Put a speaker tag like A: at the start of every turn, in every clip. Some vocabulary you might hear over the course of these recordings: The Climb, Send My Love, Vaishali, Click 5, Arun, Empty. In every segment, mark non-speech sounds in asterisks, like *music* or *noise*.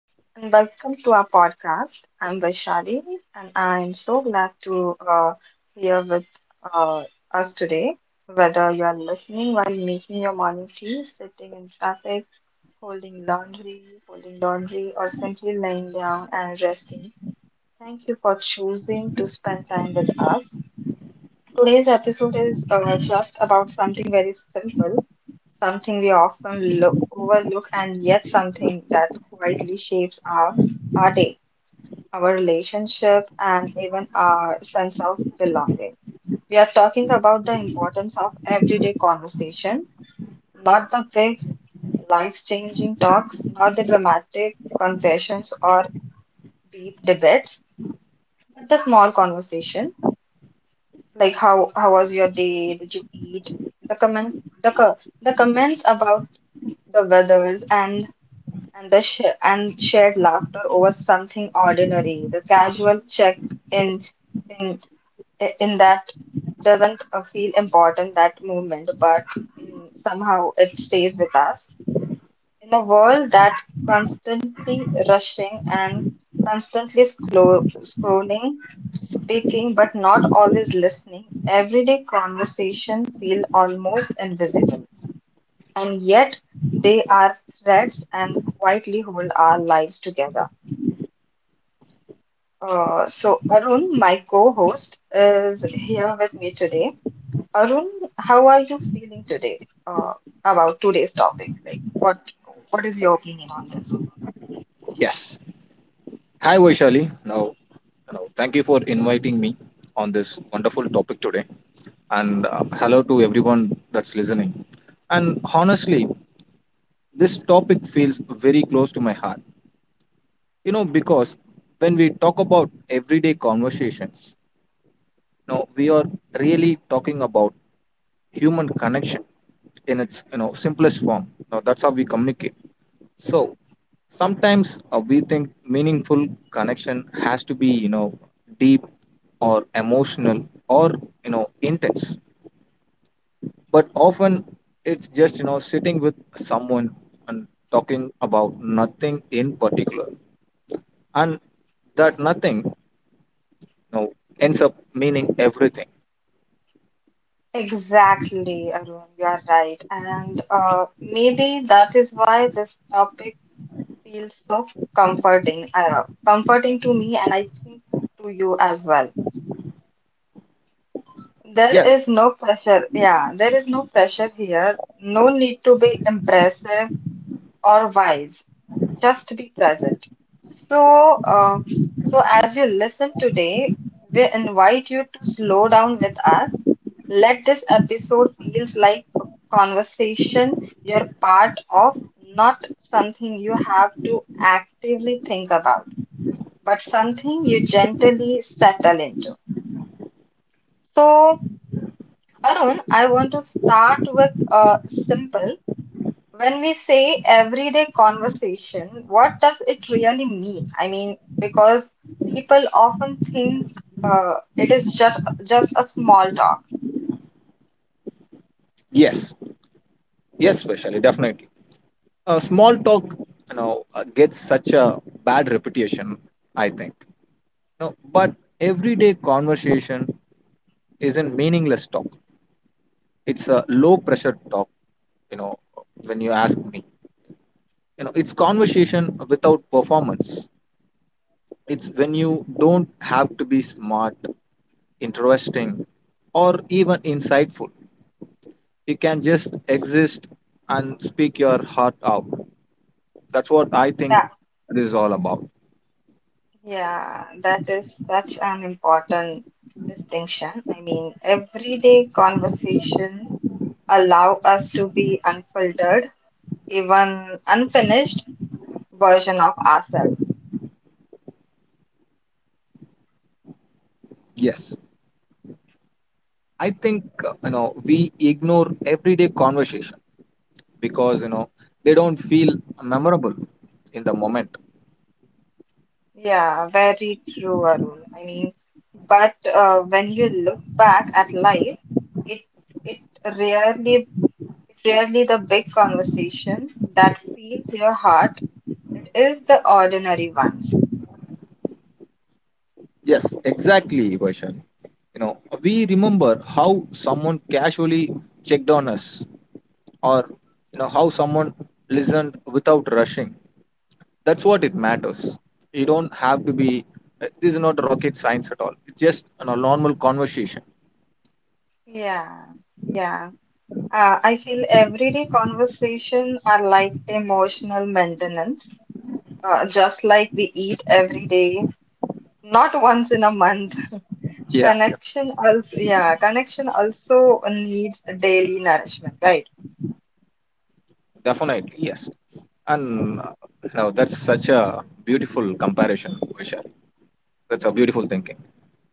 A: and welcome to our podcast. I'm Vaishali and I'm so glad to here with uh, us today. Whether you are listening while making your morning tea, sitting in traffic, holding laundry, folding laundry, or simply laying down and resting, thank you for choosing to spend time with us. Today's episode is just about something very simple, something we often look overlook, and yet something that quietly shapes our day, our relationship, and even our sense of belonging. We are talking about the importance of everyday conversation, not the big life-changing talks, not the dramatic confessions or deep debates, but the small conversation. Like how was your day? Did you eat? The comment the co the comments about the weathers and the sh and shared laughter over something ordinary. The casual check in in in that doesn't feel important that moment, but somehow it stays with us. In a world that constantly rushing and scrolling, speaking but not always listening, everyday conversation feel almost invisible. And yet they are threads and quietly hold our lives together. So Arun, my co-host, is here with me today. Arun, how are you feeling today uh, about today's topic? Like, what is your opinion on this?
B: Yes. Hi, Vaishali. Thank you for inviting me on this wonderful topic today. And hello to everyone that's listening. And honestly, this topic feels very close to my heart. You know, because when we talk about everyday conversations, you know, we are really talking about human connection in its simplest form. Now, that's how we communicate. So sometimes we think meaningful connection has to be, you know, deep or emotional or, you know, intense. But often it's just, you know, sitting with someone and talking about nothing in particular. And that nothing, know, ends up meaning everything.
A: Exactly, Arun, you're right. And maybe that is why this topic feels so comforting, comforting to me, and I think to you as well. There
B: Yes,
A: is no pressure. Yeah, there is no pressure here. No need to be impressive or wise. Just to be present. So, uh, so as you listen today, we invite you to slow down with us. Let this episode feels like a conversation you're part of, not something you have to actively think about, but something you gently settle into. So, Arun, I want to start with simple. When we say everyday conversation, what does it really mean? I mean, because people often think it is just a small talk.
B: yes, yes, especially, definitely. Small talk, gets such a bad reputation, I think. No, but everyday conversation isn't meaningless talk. It's a low pressure talk, you know, when you ask me. You know, it's conversation without performance. It's when you don't have to be smart, interesting, or even insightful. You can just exist and speak your heart out. That's what I think
A: That
B: this is all about.
A: Yeah, that is such an important distinction. I mean, everyday conversation allow us to be unfiltered, even unfinished version of ourselves.
B: Yes. I think, you know, we ignore everyday conversation because you know they don't feel memorable in the moment.
A: Yeah, very true, Arun. I mean, but when you look back at life, it it it rarely the big conversation that fills your heart. It is the ordinary ones.
B: Yes, exactly, Vaishan. You know, we remember how someone casually checked on us, or you know how someone listened without rushing. That's what it matters. You don't have to. Be. This is not rocket science at all. It's just a normal conversation.
A: Yeah, yeah. I feel everyday conversation are like emotional maintenance, just like we eat every day, not once in a month.
B: Yeah. yeah.
A: Connection also, yeah, connection also needs daily nourishment, right?
B: Definitely, yes. And now that's such a beautiful comparison, Vaishan. That's a beautiful thinking.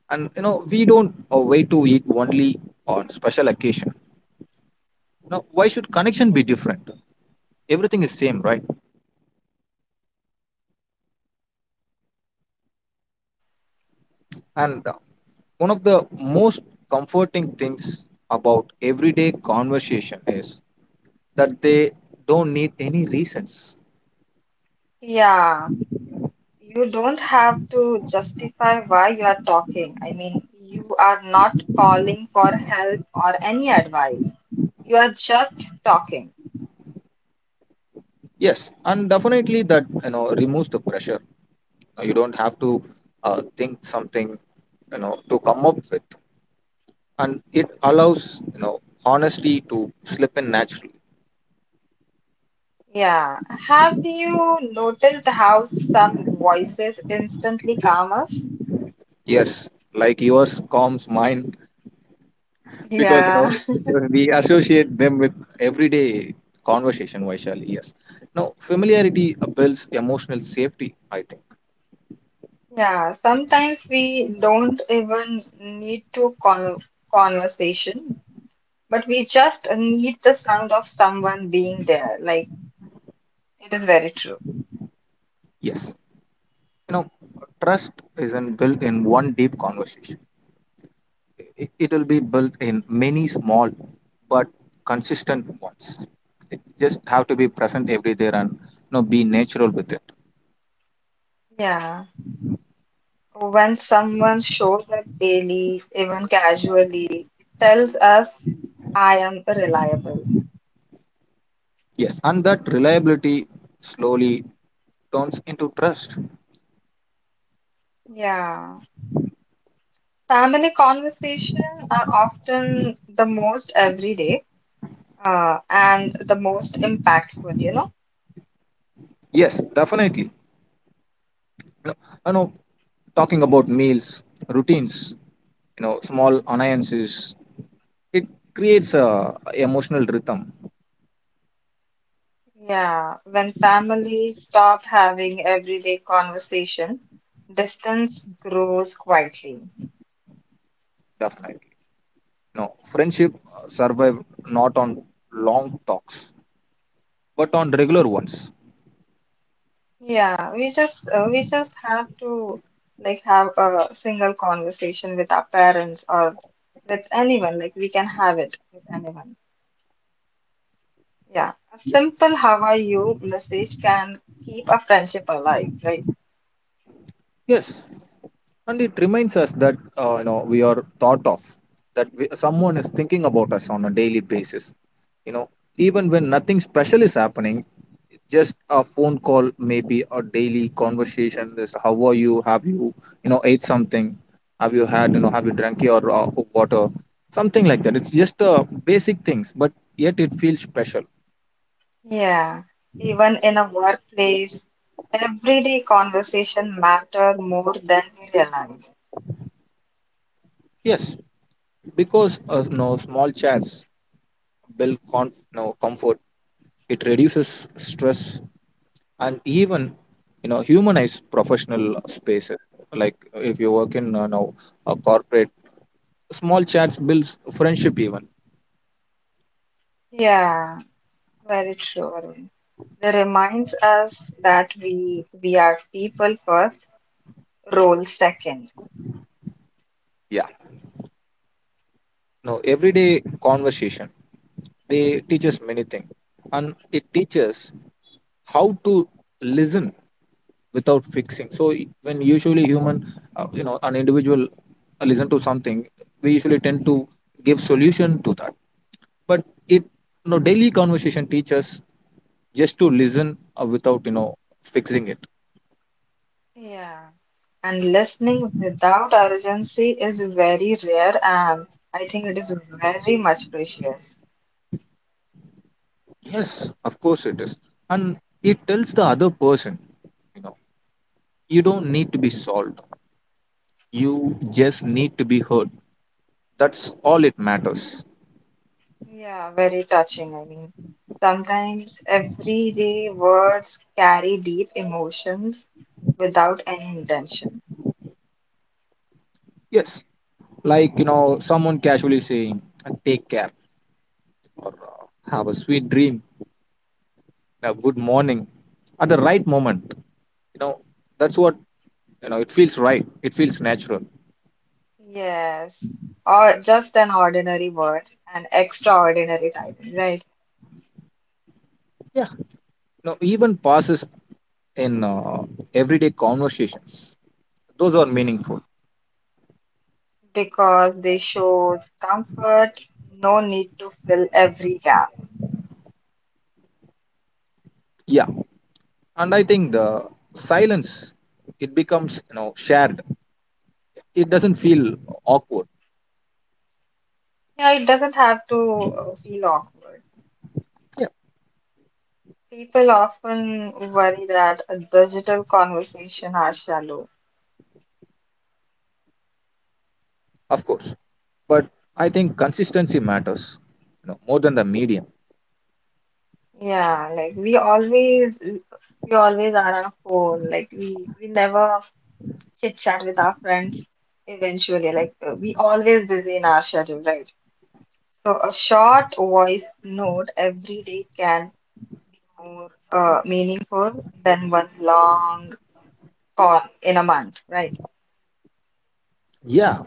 B: And you know, we don't wait to eat only on special occasion. Now, why should connection be different? Everything is same, right? And one of the most comforting things about everyday conversation is that they don't need any reasons.
A: Yeah, you don't have to justify why you are talking. I mean, you are not calling for help or any advice. You are just talking.
B: Yes, and definitely that you know removes the pressure. Now, you don't have to think something you know to come up with, and it allows you know honesty to slip in naturally.
A: Yeah. Have you noticed how some voices instantly calm us?
B: Yes, like yours calms mine because you know
A: Yeah. *laughs*
B: we associate them with everyday conversation, Vaishali. Yes. Now, familiarity builds emotional safety, I think.
A: Yeah. Sometimes we don't even need to conversation, but we just need the sound of someone being there. Like, it is very true.
B: Yes. You know, trust isn't built in one deep conversation, it'll be built in many small but consistent ones. It just have to be present every there and you know, be natural with it.
A: Yeah. When someone shows up daily, even casually, it tells us, I am reliable.
B: Yes. And that reliability slowly turns into trust.
A: Yeah. Family conversations are often the most everyday and the most impactful, you know?
B: Yes, definitely. No, you know, talking about meals, routines, you know, small annoyances, it creates a emotional rhythm.
A: Yeah. When families stop having everyday conversation, distance grows quietly.
B: Definitely. You know, friendship survive not on long talks, but on regular ones.
A: Yeah, we just have to like have a single conversation with our parents or with anyone. Like we can have it with anyone. Yeah, a simple "How are you?" message can keep a friendship alive, right?
B: Yes, and it reminds us that you know we are thought of, that someone is thinking about us on a daily basis. You know, even when nothing special is happening, just a phone call maybe a daily conversation, this how are you, have you you know ate something, have you had you know have you drank your water, something like that. It's just basic things but yet it feels special.
A: Yeah, even in a workplace, everyday conversation matter more than we realize.
B: Yes, because you know small chats build conf- no, comfort, it reduces stress and even you know humanize professional spaces, like if you work in you know a corporate, small chats builds friendship even.
A: Yeah, very true, Arvind. They reminds us that we are people first, role second.
B: Yeah, no, everyday conversation they teach us many things, and it teaches how to listen without fixing. So when usually human you know an individual listen to something, we usually tend to give solution to that, but it you know daily conversation teaches just to listen without you know fixing it.
A: Yeah, and listening without urgency is very rare, and I think it is very much precious.
B: Yes, of course it is. And it tells the other person, you know, you don't need to be solved, you just need to be heard, that's all it matters.
A: Yeah, very touching. I mean, sometimes everyday words carry deep emotions without any intention.
B: Yes, like you know someone casually saying, take care, or have a sweet dream, a good morning," at the right moment. You know, that's what, you know, it feels right, it feels natural.
A: Yes, or just an ordinary words and extraordinary timing, right?
B: Yeah, you even passes in everyday conversations, those are meaningful.
A: Because they shows comfort, no need to fill every gap.
B: Yeah, and I think the silence, it becomes you know shared, it doesn't feel awkward.
A: Yeah, it doesn't have to feel awkward.
B: Yeah.
A: People often worry that a digital conversation are shallow.
B: Of course, but I think consistency matters, you know, more than the medium.
A: Yeah, like we always are on a phone. Like we never chit chat with our friends eventually. Like we always busy in our schedule, right? So a short voice note every day can be more meaningful than one long call in a month, right?
B: Yeah,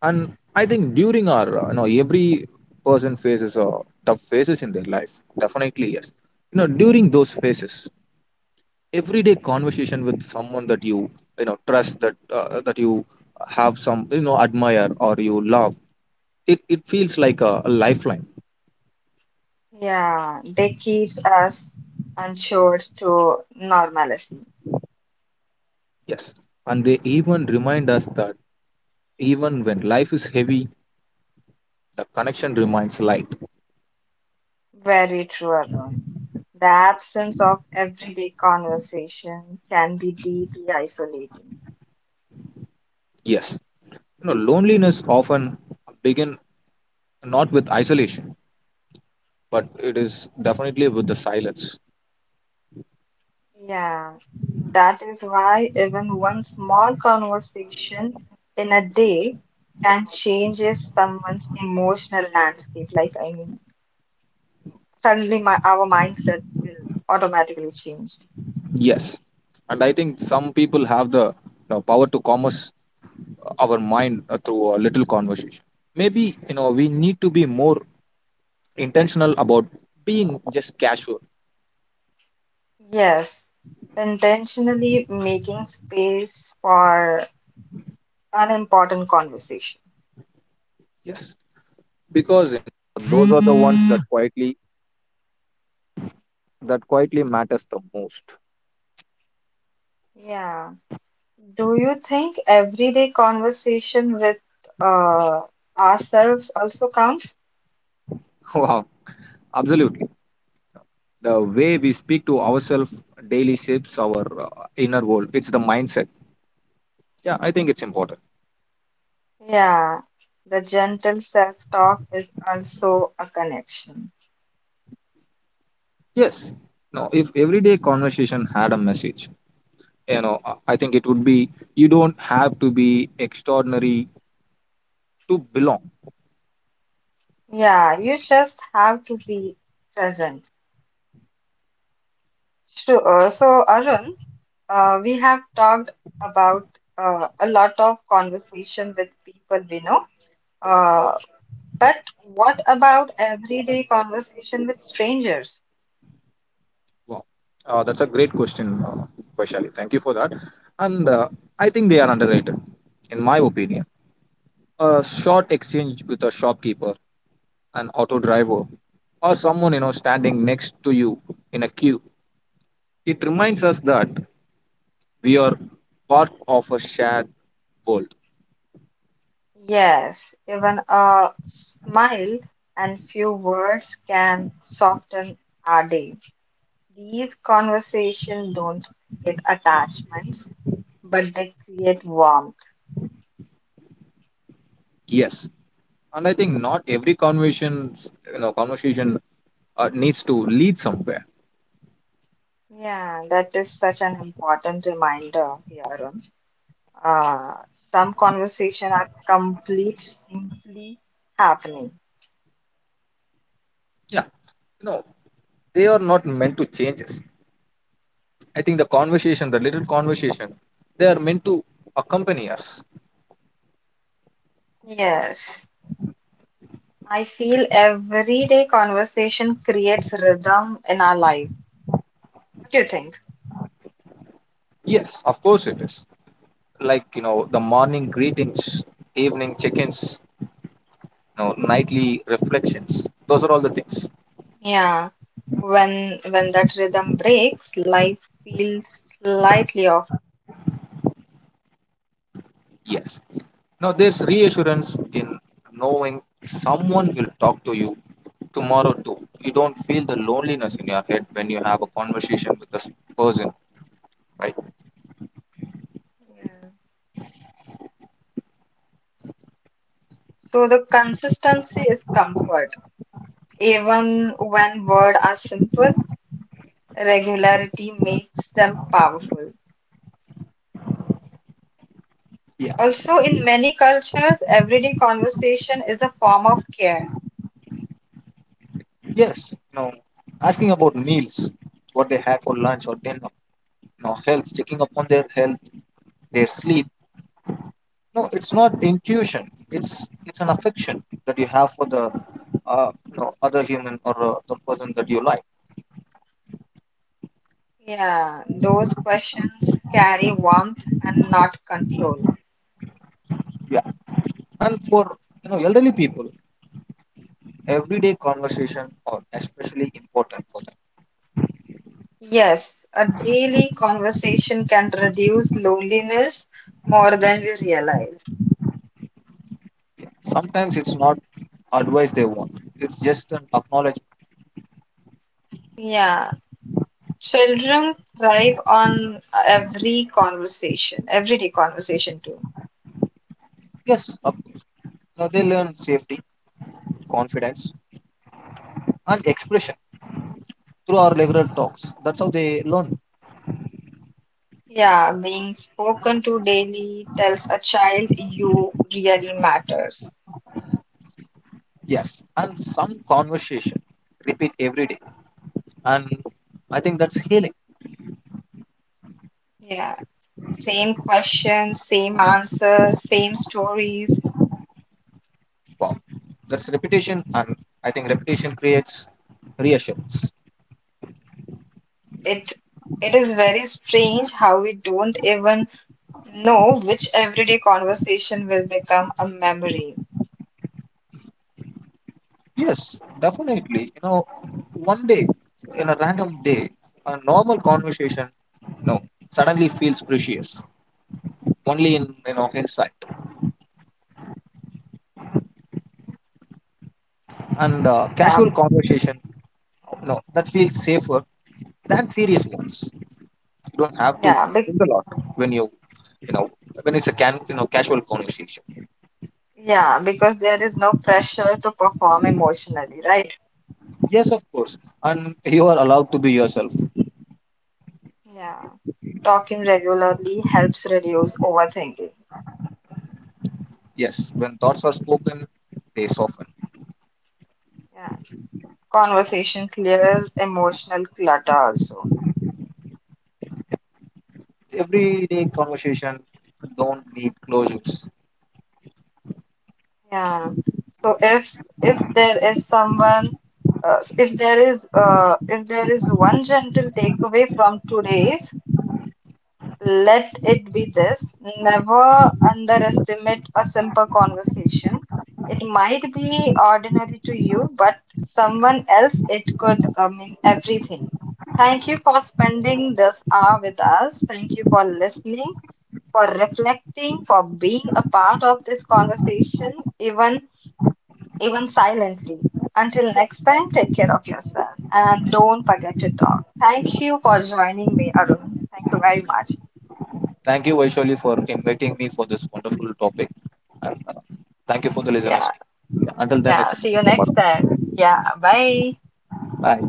B: and I think during our you know every person faces tough phases in their life. Definitely yes, you know, during those phases, everyday conversation with someone that you know trust, that that you have some you know admire or you love, it feels like a lifeline.
A: Yeah, they keeps us unsure to normalcy.
B: Yes, and they even remind us that even when life is heavy, the connection remains light.
A: Very true, Arun. The absence of everyday conversation can be deeply isolating.
B: Yes. You know, loneliness often begin not with isolation, but it is definitely with the silence.
A: Yeah, that is why even one small conversation in a day can changes someone's emotional landscape. Like, I mean, suddenly my, our mindset will automatically change.
B: Yes. And I think some people have the you know power to commerce our mind through a little conversation. Maybe, you know, we need to be more intentional about being just casual.
A: Yes, intentionally making space for an important conversation.
B: Yes.
A: Yeah. Do you think everyday conversation with uh, ourselves also counts?
B: *laughs* Wow, absolutely. The way we speak to ourselves daily shapes our inner world. It's the mindset. Yeah, I think it's important.
A: Yeah, the gentle self-talk is also a connection.
B: Yes. Now, if everyday conversation had a message, I think it would be, you don't have to be extraordinary to belong.
A: Yeah, you just have to be present. So Arun, we have talked about a lot of conversation with people we know, uh, but what about everyday conversation with strangers?
B: Wow. That's a great question, Vaishali. Thank you for that. And I think they are underrated, in my opinion. A short exchange with a shopkeeper, an auto driver, or someone you know standing next to you in a queue, it reminds us that we are part of a shared world.
A: Yes, even a smile and few words can soften our day. These conversations don't create attachments, but they create warmth.
B: Yes, and I think not every conversations you know conversation needs to lead somewhere.
A: Yeah, that is such an important reminder here on. Uh, some conversations are complete simply happening.
B: Yeah, you know, they are not meant to change us. I think the little conversation, they are meant to accompany us.
A: Yes, I feel everyday conversation creates rhythm in our life. What do you think?
B: Yes, of course it is. Like you know, the morning greetings, evening check-ins, know, nightly reflections. Those are all the things.
A: Yeah, when that rhythm breaks, life feels slightly off balance.
B: Yes. Now there's reassurance in knowing someone will talk to you tomorrow too. You don't feel the loneliness in your head when you have a conversation with this person, right?
A: Yeah. So the consistency is comfort. Even when words are simple, regularity makes them powerful.
B: Yeah.
A: Also, in many cultures, everyday conversation is a form of care.
B: Yes. You asking about meals, what they had for lunch or dinner, you health, checking up on their health, their sleep. No, it's not intuition. It's an affection that you have for the you know other human or the person that you like.
A: Yeah, those questions carry warmth and not control.
B: Yeah, and for you know elderly people, everyday conversation are especially important for them.
A: Yes, a daily conversation can reduce loneliness more than we realize.
B: Yeah. Sometimes it's not advice they want, it's just an acknowledgement.
A: Yeah, children thrive on everyday conversation too.
B: Yes, of course. Now they learn safety, confidence, and expression through our regular talks, that's how they learn.
A: Yeah, being spoken to daily tells a child you really matters.
B: Yes, and some conversation repeat every day, and I think that's healing.
A: Yeah, same question, same answer, same stories.
B: Wow, that's repetition, and I think repetition creates reassurance.
A: It it is very strange how we don't even know which everyday conversation will become a memory.
B: Yes, definitely. You know, one day, in a random day, a normal conversation, no, suddenly feels precious. Only in you know hindsight, and
A: Yeah,
B: casual conversation, no, that feels safer than serious ones. You don't have to
A: yeah, be
B: think a lot when you know when it's a can you know casual conversation.
A: yeah, because there is no pressure to perform emotionally, right?
B: Yes, of course, and you are allowed to be yourself.
A: Yeah. Talking regularly helps reduce overthinking.
B: Yes, when thoughts are spoken, they soften.
A: Yeah. Conversation clears emotional clutter also.
B: Everyday conversation don't need closures.
A: Yeah. So if there is someone if there is one gentle takeaway from today's. Let it be this. Never underestimate a simple conversation. It might be ordinary to you, but someone else it could mean everything. Thank you for spending this hour with us. Thank you for listening, for reflecting, for being a part of this conversation, even even silently. Until next time, take care of yourself and don't forget to talk. Thank you for joining me, Arun. Thank you very much.
B: Thank you, Vaishali, for inviting me for this wonderful topic. And thank you for the listeners,
A: Yeah.
B: too. Yeah, until then,
A: Yeah,
B: it's a
A: see you next
B: tomorrow.
A: time. Yeah, bye.
B: Bye.